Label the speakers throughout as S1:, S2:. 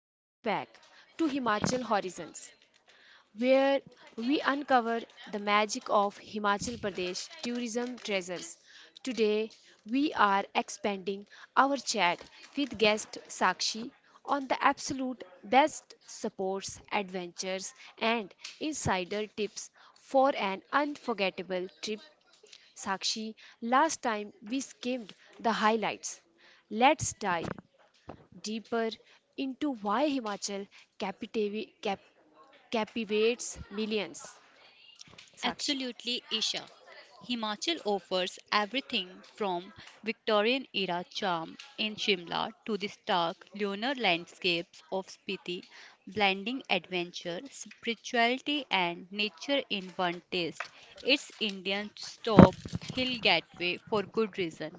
S1: Welcome back to Himachal Horizons, where we uncover the magic of Himachal Pradesh tourism treasures. Today, we are expanding our chat with guest Sakshi on the absolute best supports, adventures, and insider tips for an unforgettable trip. Sakshi, last time we skimmed the highlights. Let's dive deeper into why Himachal captivi- cap- captivates millions. Sakshi.
S2: Absolutely, Isha. Himachal offers everything from Victorian era charm in Shimla to the stark lunar landscapes of Spiti, blending adventure, spirituality, and nature in one taste. It's Indian's top hill gateway for good reason.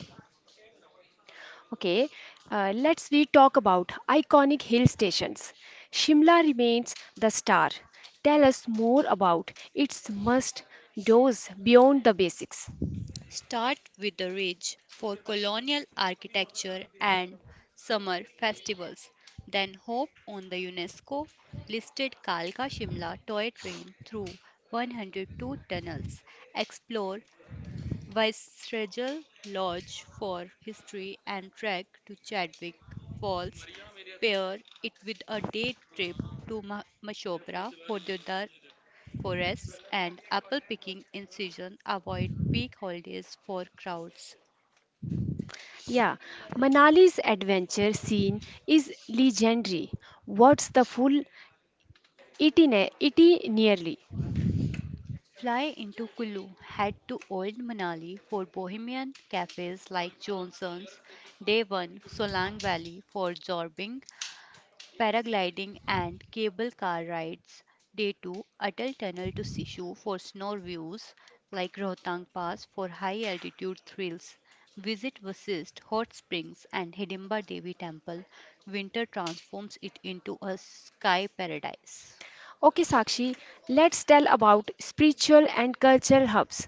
S1: Okay, let's we talk about iconic hill stations. Shimla remains the star. Tell us more about its must does beyond the basics.
S2: Start with the rage for colonial architecture and summer festivals, then hop on the UNESCO listed Kalka Shimla toy train through 102 tunnels. Explore Viceregal Lodge for history and trek to Chadwick Falls. Pair it with a day trip to Mashobra for the other forests and apple picking in season, avoid peak holidays for crowds.
S1: Yeah, Manali's adventure scene is legendary. What's the full itinerary?
S2: Fly into Kullu, head to Old Manali for bohemian cafes like Johnson's. Day 1, Solang Valley for jorbing, paragliding and cable car rides. Day 2, Atal Tunnel to Sishu for snow views, like Rohtang Pass for high altitude thrills. Visit Vasist Hot Springs and Hidimba Devi Temple. Winter transforms it into a sky paradise.
S1: Okay, Sakshi, let's tell about spiritual and cultural hubs,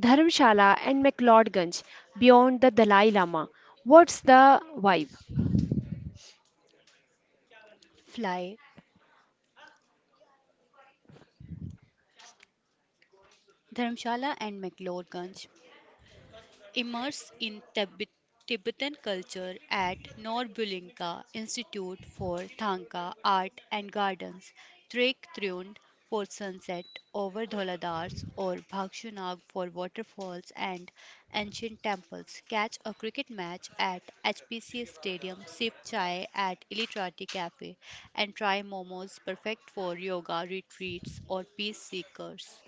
S1: Dharamshala and McLeodganj beyond the Dalai Lama. What's the vibe?
S2: Fly Dharamshala and McLeodganj. Immerse in Tibet, Tibetan culture at Norbulinka Institute for Thangka Art and Gardens. Trek Thrund for sunset over Dholadars or Bhakshanag for waterfalls and ancient temples. Catch a cricket match at HPC Stadium, sip chai at Illitrati Cafe, and try momos, perfect for yoga retreats or peace seekers.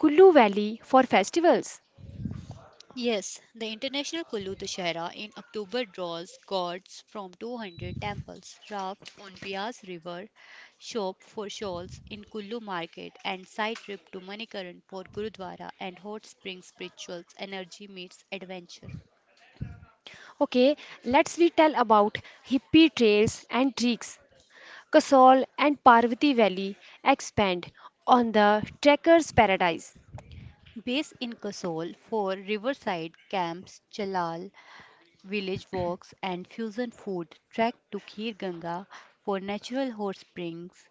S1: Kullu Valley for festivals.
S2: Yes, the International Kullu Dussehra in October draws gods from 200 temples. Raft on Bias River, shop for shawls in Kullu market, and side trip to Manikaran for Gurudwara and hot spring spirituals. Energy meets adventure.
S1: Okay, let's we tell about hippie trails and treks. Kasol and Parvati Valley expand on the trekker's paradise.
S2: Base in Kasol for riverside camps, chalal, village walks, and fusion food. Trek to Khir Ganga for natural hot springs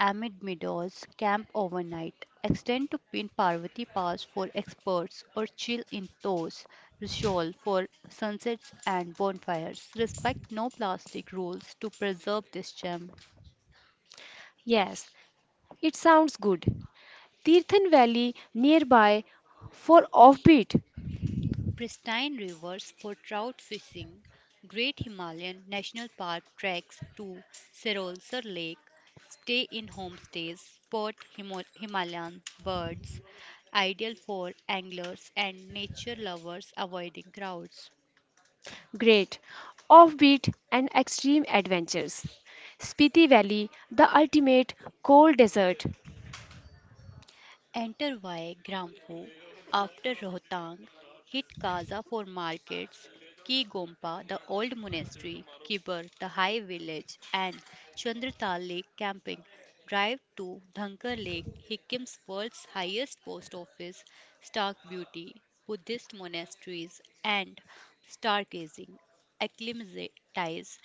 S2: amid meadows, camp overnight, extend to Pin Parvati Pass for experts, or chill in Toes Rishol for sunsets and bonfires. Respect no plastic rules to preserve this gem.
S1: Yes, it sounds good. Tirthan Valley nearby for offbeat.
S2: Pristine rivers for trout fishing, Great Himalayan National Park treks to Serolsar Lake, stay in homestays, spot Himalayan birds, ideal for anglers and nature lovers avoiding crowds.
S1: Great, offbeat and extreme adventures. Spiti Valley, the ultimate cold desert.
S2: Enter via Gramphu after Rohtang, hit Kaza for markets, Ki Gompa the old monastery, Kibar the high village, and Chandratal Lake camping. Drive to Dhankar Lake, Hikkim's world's highest post office, stark beauty, Buddhist monasteries, and stargazing. Acclimatize,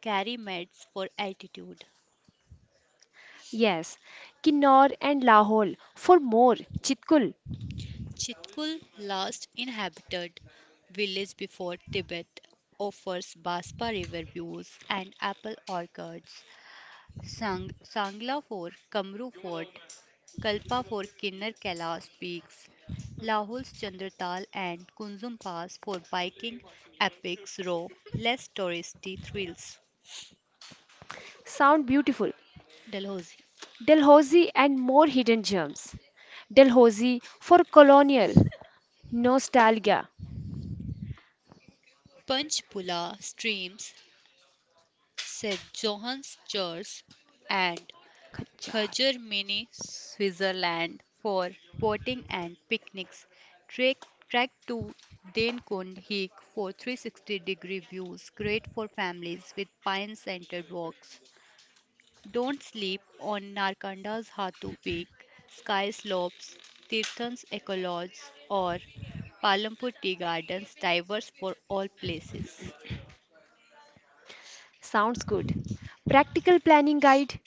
S2: carry meds for altitude.
S1: Yes, Kinnaur and Lahore for more. Chitkul,
S2: Chitkul, last inhabited village before Tibet, offers Baspa River views and apple orchards. Sangla for Kamru Fort, Kalpa for Kinnar Kailash peaks, Lahul's Chandratal and Kunzum Pass for biking epics row less touristy thrills.
S1: sound beautiful.
S2: Dalhousie,
S1: Dalhousie and more hidden gems. Dalhousie for colonial nostalgia.
S2: Panchpula streams, St. John's Church, and
S1: Khachar.
S2: Kajermini, Switzerland for boating and picnics. Trek, trek to Denkund Hik for 360 degree views, great for families with pine scented walks. Don't sleep on Narkanda's Hatu Peak, Sky Slopes, Tirthan's Ecologs, or Palampur Tea Gardens, divers for all places.
S1: Sounds good. Practical planning guide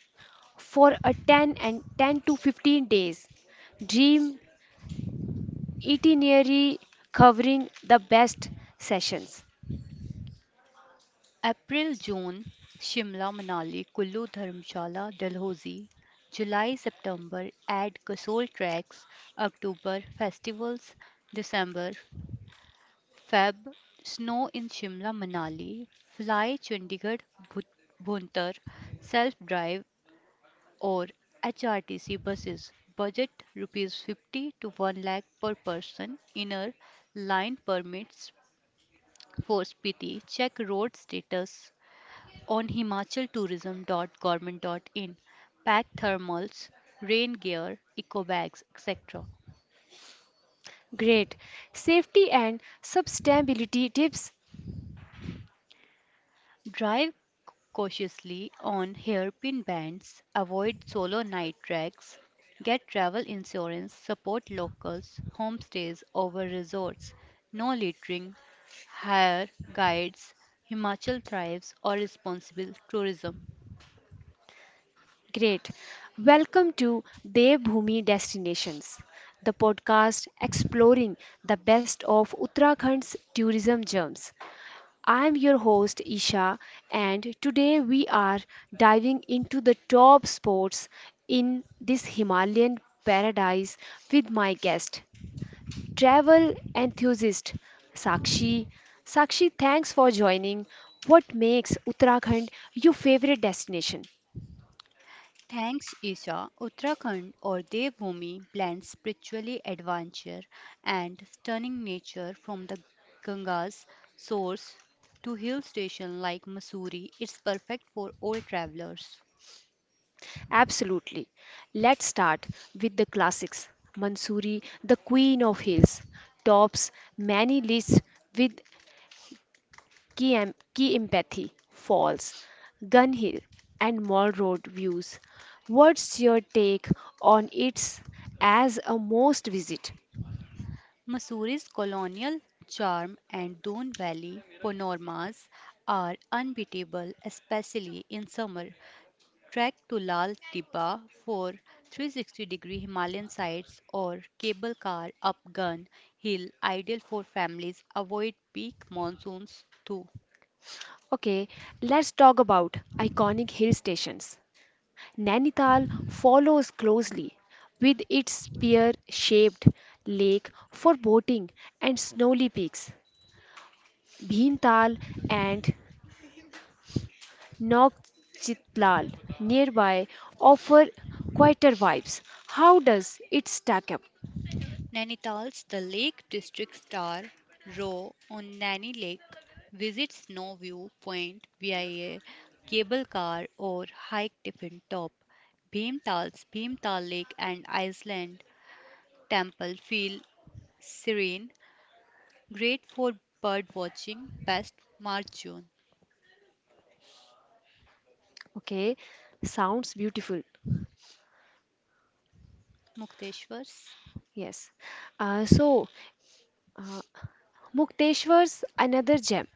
S1: for a 10 and 10 to 15 days. Dream itinerary covering the best sessions.
S2: April, June, Shimla-Manali, Kullu-Dharamshala, Dalhousie. July, September, add casual tracks. October, festivals. December, Feb, snow in Shimla-Manali. Fly Chandigarh, Bhut- Bhuntar. Self-drive or HRTC buses. Budget rupees 50 to 1 lakh per person. Inner line permits for Spiti. Check road status on himachaltourism.government.in, pack thermals, rain gear, eco bags, etc.
S1: Great. Safety and sustainability tips.
S2: Drive cautiously on hairpin bends, avoid solo night tracks, get travel insurance, support locals, homestays over resorts, no littering, hire guides. Himachal thrives on responsible tourism.
S1: Great. Welcome to Devbhoomi Destinations, the podcast exploring the best of Uttarakhand's tourism gems. I am your host Isha, and today we are diving into the top spots in this Himalayan paradise with my guest travel enthusiast Sakshi. Sakshi, thanks for joining. What makes Uttarakhand your favorite destination?
S2: Thanks, Isha. Uttarakhand or Devbhoomi blends spiritually adventure and stunning nature from the Ganga's source to hill stations like Mussoorie. It's perfect for all travelers.
S1: Absolutely. Let's start with the classics. Mansuri, the queen of hills, tops many lists with key empathy, falls, gun hill, and mall road views. What's your take on it as a most visit?
S2: Mussoorie's colonial charm and Doon Valley panoramas are unbeatable, especially in summer. Trek to Lal Tibba for 360 degree Himalayan sites or cable car up Gun Hill, ideal for families. Avoid peak monsoons too.
S1: Okay, let's talk about iconic hill stations. Nainital follows closely with its pear-shaped lake for boating and snowy peaks. Bhimtal and Nokchitlal nearby offer quieter vibes. How does it stack up?
S2: Nainital's the Lake District Star. Row on Naini Lake. Visit Snow View Point via cable car or hike Tiffin Top. Bhimtal's Bhimtal Lake and Iceland Temple feel serene, great for bird watching, best March June.
S1: Okay, sounds beautiful.
S2: Mukteshwar's.
S1: Yes. Uh, so, uh, Mukteshwar's another gem.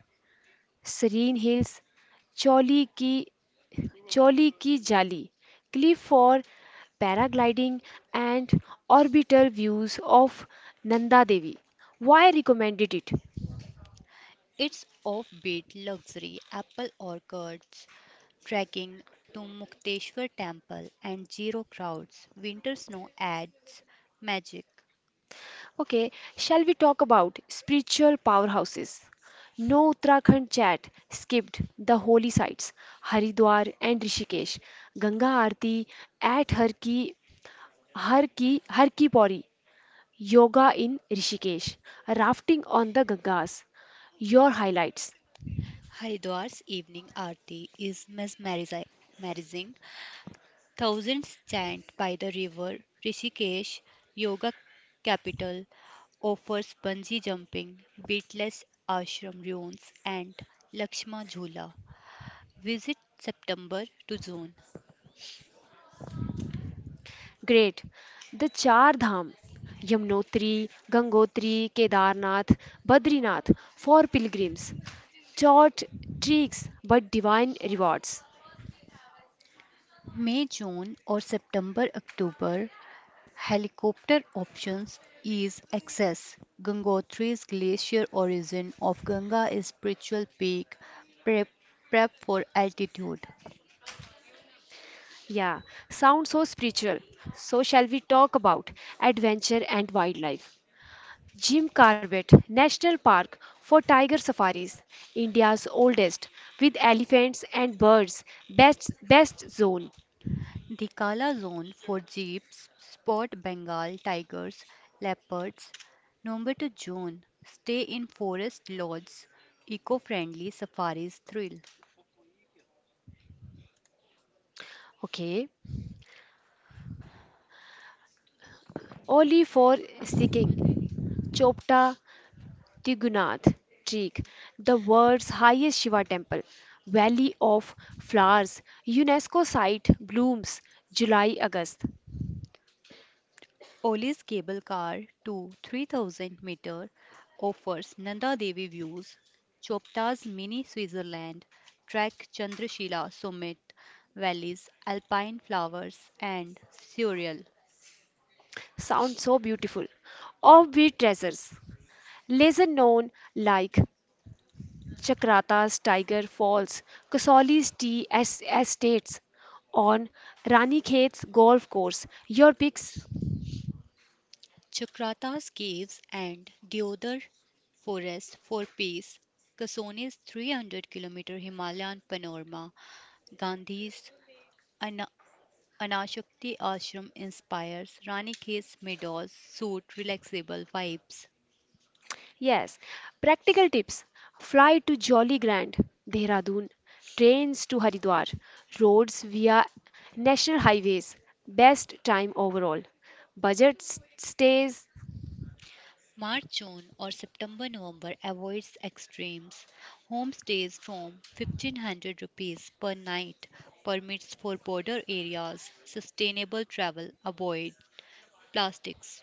S1: Serene Hills, Choli Ki Choli Ki Jali, cliff for paragliding, and orbital views of Nanda Devi. Why I recommended it?
S2: It's offbeat luxury, apple orchards, trekking to Mukteshwar temple and zero crowds. Winter snow adds magic.
S1: Okay, shall we talk about spiritual powerhouses? No Uttarakhand chat skipped the holy sites Haridwar and Rishikesh, Ganga Aarti at Har Ki Pauri, Yoga in Rishikesh, rafting on the Gangas. Your highlights.
S2: Haridwar's evening aarti is mesmerizing. Thousands chant by the river. Rishikesh, yoga capital, offers bungee jumping, weightless ashram ruins, and Lakshma Jhula. Visit September to June.
S1: Great. The Char Dham, Yamnotri, Gangotri, Kedarnath, Badrinath for pilgrims. Short treks but divine rewards.
S2: May June or September October helicopter options ease access. Gangotri's glacier origin of Ganga is spiritual peak prep, prep for altitude.
S1: Yeah, sounds so spiritual. So, shall we talk about adventure and wildlife? Jim Corbett National Park for tiger safaris, India's oldest, with elephants and birds, best zone.
S2: The Kala Zone for jeeps, spot Bengal tigers, leopards. November to June, stay in forest lodges. Eco-friendly safaris thrill.
S1: Okay, only for skiing, Chopta Tigunath, Trik, the world's highest Shiva temple, Valley of Flowers, UNESCO site, blooms July August.
S2: Oli's cable car to 3000 meter offers Nanda Devi views. Chopta's mini Switzerland, trek Chandrashila summit valleys, alpine flowers and surreal.
S1: Sounds so beautiful. Offbeat treasures, lesser known like Chakrata's Tiger Falls, Kasoli's Tea Estates, on Rani Khet's golf course. Your picks?
S2: Chakrata's caves and Deodar forest for peace, Kasone's 300 kilometer Himalayan panorama, Gandhi's Ana- Anashakti ashram inspires, Ranikhet's meadows suit relaxable vibes.
S1: Yes, practical tips. Fly to Jolly Grand, Dehradun, trains to Haridwar, roads via national highways, best time overall. Budget stays.
S2: March, June, or September, November avoids extremes. Homestays from 1500 rupees per night, permits for border areas, sustainable travel, avoid plastics.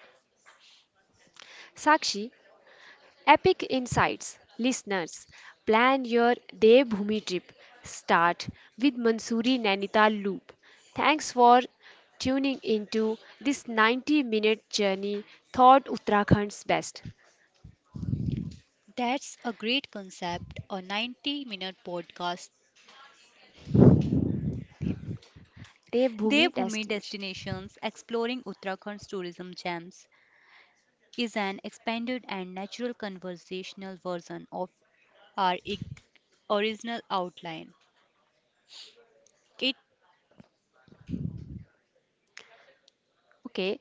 S1: Sakshi, epic insights. Listeners, plan your Devbhoomi trip. Start with Mansuri Nainital loop. Thanks for tuning into this 90-minute journey thought Uttarakhand's best
S2: That's a great concept, a 90-minute podcast.
S1: Devbhoomi
S2: Devbhumi
S1: destination.
S2: Destinations Exploring Uttarakhand's Tourism Gems is an expanded and natural conversational version of our original outline. It
S1: Okay,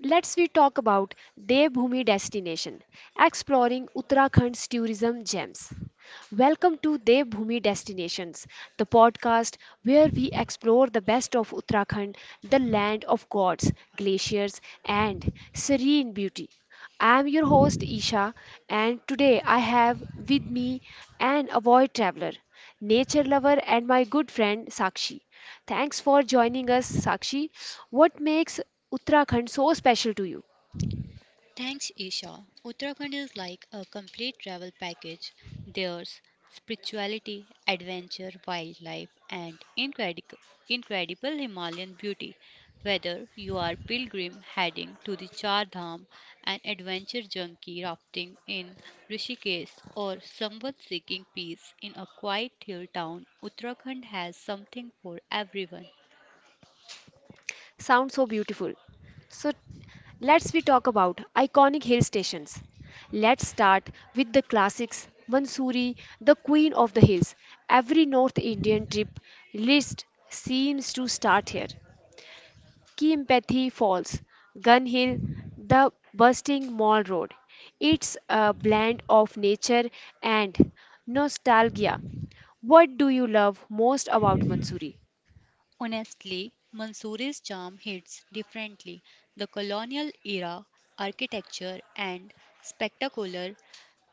S1: let's we talk about Devbhoomi destination, exploring Uttarakhand's tourism gems. Welcome to Devbhoomi Destinations, the podcast where we explore the best of Uttarakhand, the land of gods, glaciers, and serene beauty. I am your host Isha, and today I have with me an avid traveler, nature lover, and my good friend Sakshi. Thanks for joining us, Sakshi. What makes Uttarakhand so special to you?
S2: Thanks, Isha. Uttarakhand is like a complete travel package. There's spirituality, adventure, wildlife, and incredible Himalayan beauty. Whether you are pilgrim heading to the Char Dham, an adventure junkie rafting in Rishikesh, or someone seeking peace in a quiet hill town, Uttarakhand has something for everyone.
S1: Sounds so beautiful. So let's we talk about iconic hill stations. Let's start with the classics. Mansoori, the queen of the hills. Every North Indian trip list seems to start here. Kimpathy Falls, Gun Hill, the bursting Mall Road. It's a blend of nature and nostalgia. What do you love most about Munsuri?
S2: Honestly, Mansouri's charm hits differently. The colonial era architecture and spectacular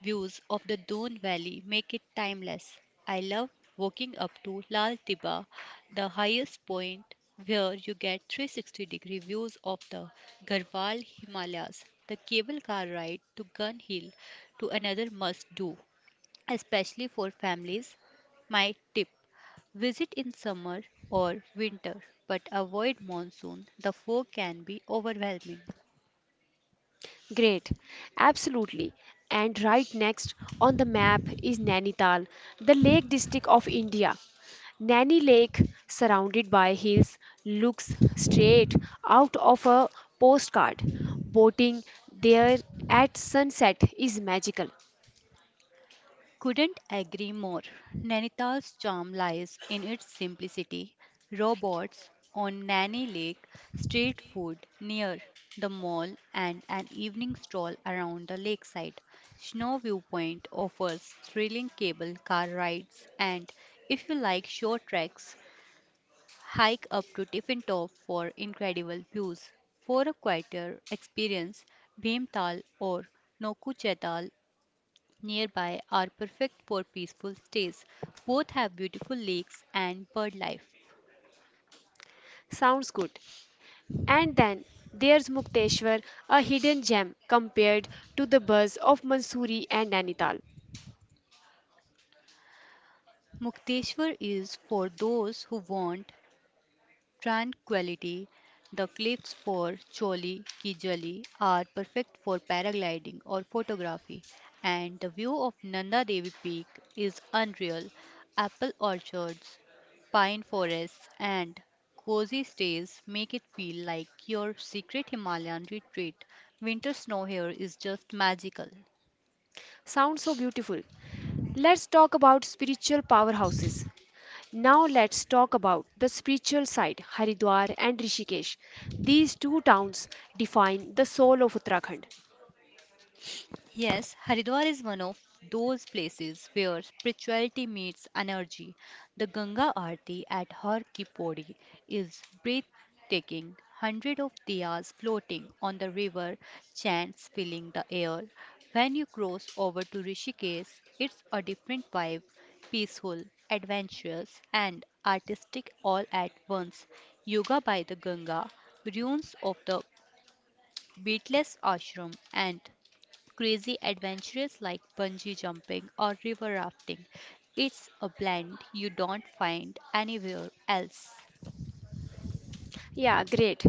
S2: views of the Doon Valley make it timeless. I love walking up to Lal Tiba, the highest point where you get 360 degree views of the Garhwal Himalayas. The cable car ride to Gun Hill to another must do, especially for families. My tip, visit in summer or winter, but avoid monsoon. The fog can be overwhelming.
S1: Great, absolutely. And right next on the map is Nainital, the Lake District of India. Nani Lake, surrounded by hills, looks straight out of a postcard. Boating there at sunset is magical.
S2: Couldn't agree more. Nainital's charm lies in its simplicity. Robots on Nani Lake, street food near the mall, and an evening stroll around the lakeside. Snow Viewpoint offers thrilling cable car rides, and if you like short treks, hike up to Tiffin Top for incredible views. For a quieter experience, Bhimtal or Nokuchetal nearby are perfect for peaceful stays. Both have beautiful lakes and bird life.
S1: Sounds good. And then there's Mukteshwar, a hidden gem compared to the buzz of Mansoori and Nainital.
S2: Mukteshwar is for those who want tranquility, the cliffs for Choli Kijali are perfect for paragliding or photography, and the view of Nanda Devi Peak is unreal. Apple orchards, pine forests, and cozy stays make it feel like your secret Himalayan retreat. Winter snow here is just magical.
S1: Sounds so beautiful. Let's talk about spiritual powerhouses. Now let's talk about the spiritual side, Haridwar and Rishikesh. These two towns define the soul of Uttarakhand.
S2: Yes, Haridwar is one of those places where spirituality meets energy. The Ganga Aarti at Har Ki Pauri is breathtaking. Hundreds of diyas floating on the river, chants filling the air. When you cross over to Rishikesh, it's a different vibe, peaceful, adventurous, and artistic all at once. Yoga by the Ganga, ruins of the Beatless Ashram, and crazy adventures like bungee jumping or river rafting. It's a blend you don't find anywhere else.
S1: Yeah, great.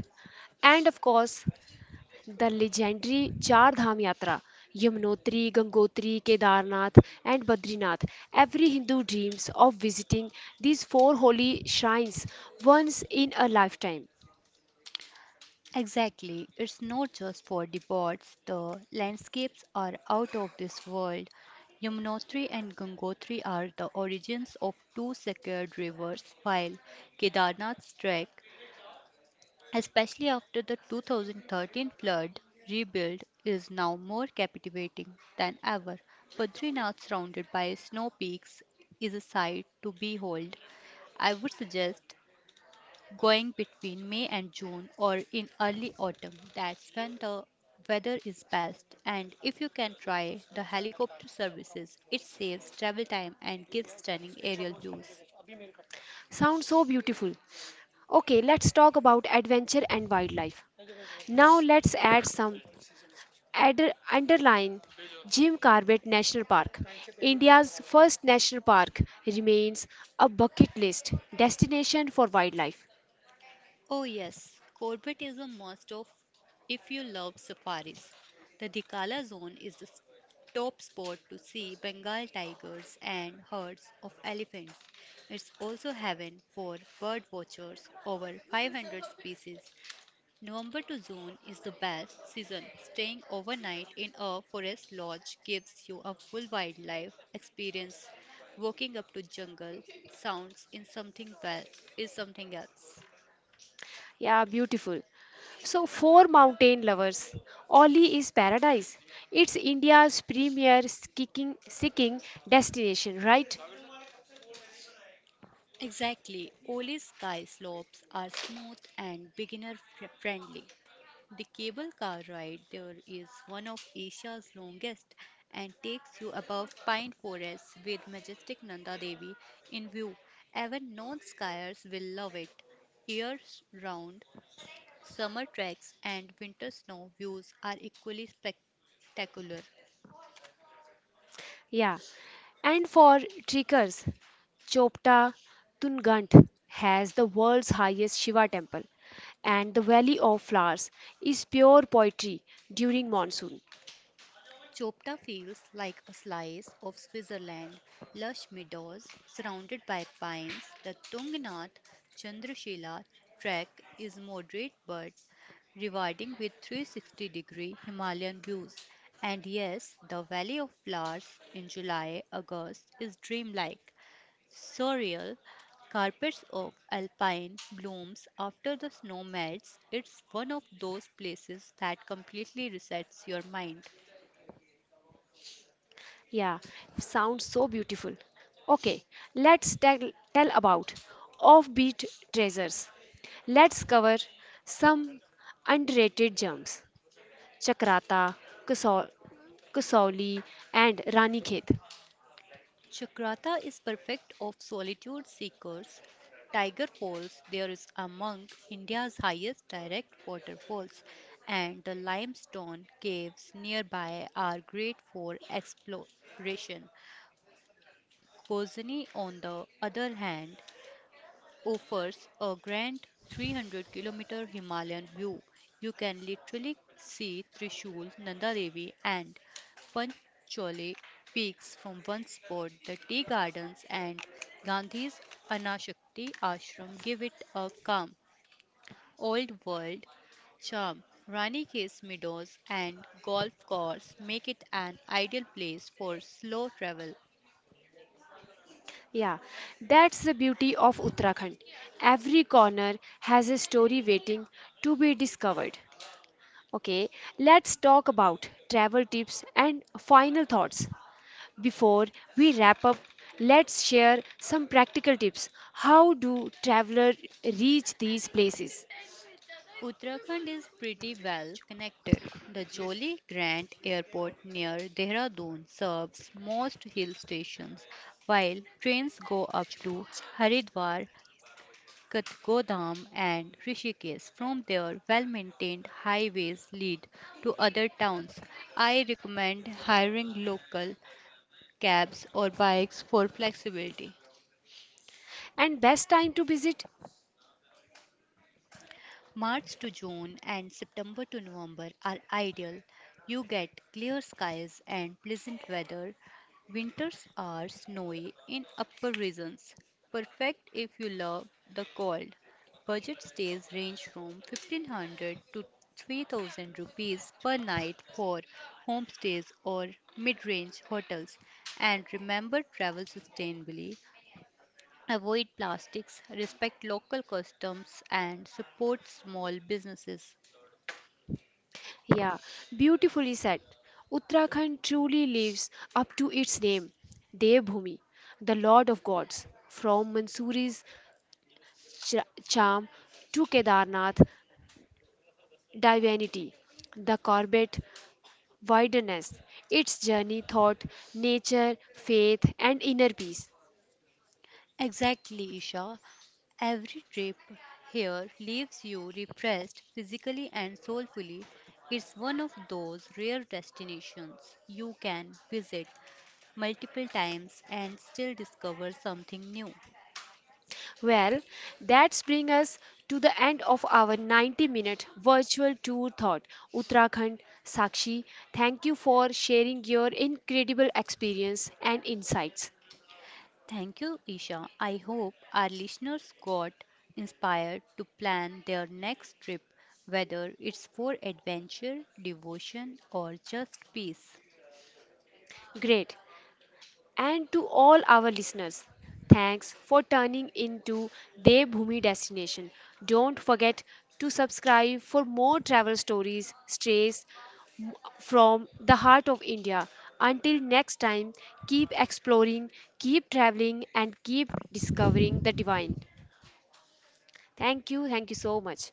S1: And of course, the legendary Char Dham Yatra, Yamunotri, Gangotri, Kedarnath, and Badrinath. Every Hindu dreams of visiting these four holy shrines once in a lifetime.
S2: Exactly, it's not just for the birds, the landscapes are out of this world. Yamunotri and Gangotri are the origins of two sacred rivers, while Kedarnath's trek, especially after the 2013 flood, rebuild is now more captivating than ever. Badrinath, surrounded by snow peaks, is a sight to behold. I would suggest going between May and June or in early autumn. That's when the weather is best. And if you can, try the helicopter services. It saves travel time and gives stunning aerial views.
S1: Sounds so beautiful. Okay, let's talk about adventure and wildlife. Now let's add some underline Jim Corbett National Park. India's first national park remains a bucket list destination for wildlife.
S2: Oh, yes, Corbett is a must of if you love safaris. The Dikala Zone is the top spot to see Bengal tigers and herds of elephants. It's also heaven for bird watchers, over 500 species. November to June is the best season. Staying overnight in a forest lodge gives you a full wildlife experience. Walking up to jungle sounds in something well is something else.
S1: Yeah, beautiful. So, for mountain lovers, Oli is paradise. It's India's premier skiing destination, right?
S2: Exactly. Oli's ski slopes are smooth and beginner friendly. The cable car ride there is one of Asia's longest and takes you above pine forests with majestic Nanda Devi in view. Even non skiers will love it. Year round, summer treks and winter snow views are equally spectacular.
S1: Yeah. And for trekkers, Chopta Tunghut has the world's highest Shiva temple, and the Valley of Flowers is pure poetry during monsoon.
S2: Chopta feels like a slice of Switzerland, lush meadows surrounded by pines. The Tungnath Chandrashila trek is moderate but rewarding with 360 degree Himalayan views. And yes, the Valley of Flowers in July August is dreamlike, surreal. Carpets of alpine blooms after the snow melts. It's one of those places that completely resets your mind.
S1: Yeah, sounds so beautiful. Okay, let's tell, tell about offbeat treasures. Let's cover some underrated gems. Chakrata, Kasau- Kasauli, and Rani Khet.
S2: Chakrata is perfect of solitude seekers. Tiger Falls, there is among India's highest direct waterfalls, and the limestone caves nearby are great for exploration. Kozani, on the other hand, offers a grand 300-kilometer Himalayan view. You can literally see Trishul, Nanda Devi, and Panchole peaks from one spot. The tea gardens and Gandhi's Anashakti ashram give it a calm, old world charm. Rani Case meadows and golf course make it an ideal place for slow travel.
S1: Yeah, that's the beauty of Uttarakhand. Every corner has a story waiting to be discovered. Okay, let's talk about travel tips and final thoughts. Before we wrap up, let's share some practical tips. How do travelers reach these places?
S2: Uttarakhand is pretty well connected. The Jolly Grant Airport near Dehradun serves most hill stations, while trains go up to Haridwar, Katgodam, and Rishikesh. From there, well maintained highways lead to other towns. I recommend hiring local cabs or bikes for flexibility.
S1: And best time to visit?
S2: March to June and September to November are ideal. You get clear skies and pleasant weather. Winters are snowy in upper regions, perfect if you love the cold. Budget stays range from 1500 to 3000 rupees per night for homestays or mid-range hotels, and remember, travel sustainably. Avoid plastics, respect local customs, and support small businesses.
S1: Yeah, beautifully said. Uttarakhand truly lives up to its name, Devbhoomi, the Lord of Gods. From Mansuri's charm to Kedarnath divinity, the Corbett wilderness, its journey thought, nature, faith, and inner peace.
S2: Exactly, Isha. Every trip here leaves you refreshed physically and soulfully. It's one of those rare destinations you can visit multiple times and still discover something new.
S1: Well, that's bring us to the end of our 90-minute virtual tour thought Uttarakhand Sakshi. Thank you for sharing your incredible experience and insights.
S2: Thank you, Isha. I hope our listeners got inspired to plan their next trip, whether it's for adventure, devotion, or just peace.
S1: Great. And to all our listeners, thanks for turning into Devbhoomi destination. Don't forget to subscribe for more travel stories, strays from the heart of India. Until next time, keep exploring, keep traveling, and keep discovering the divine. Thank you. Thank you so much.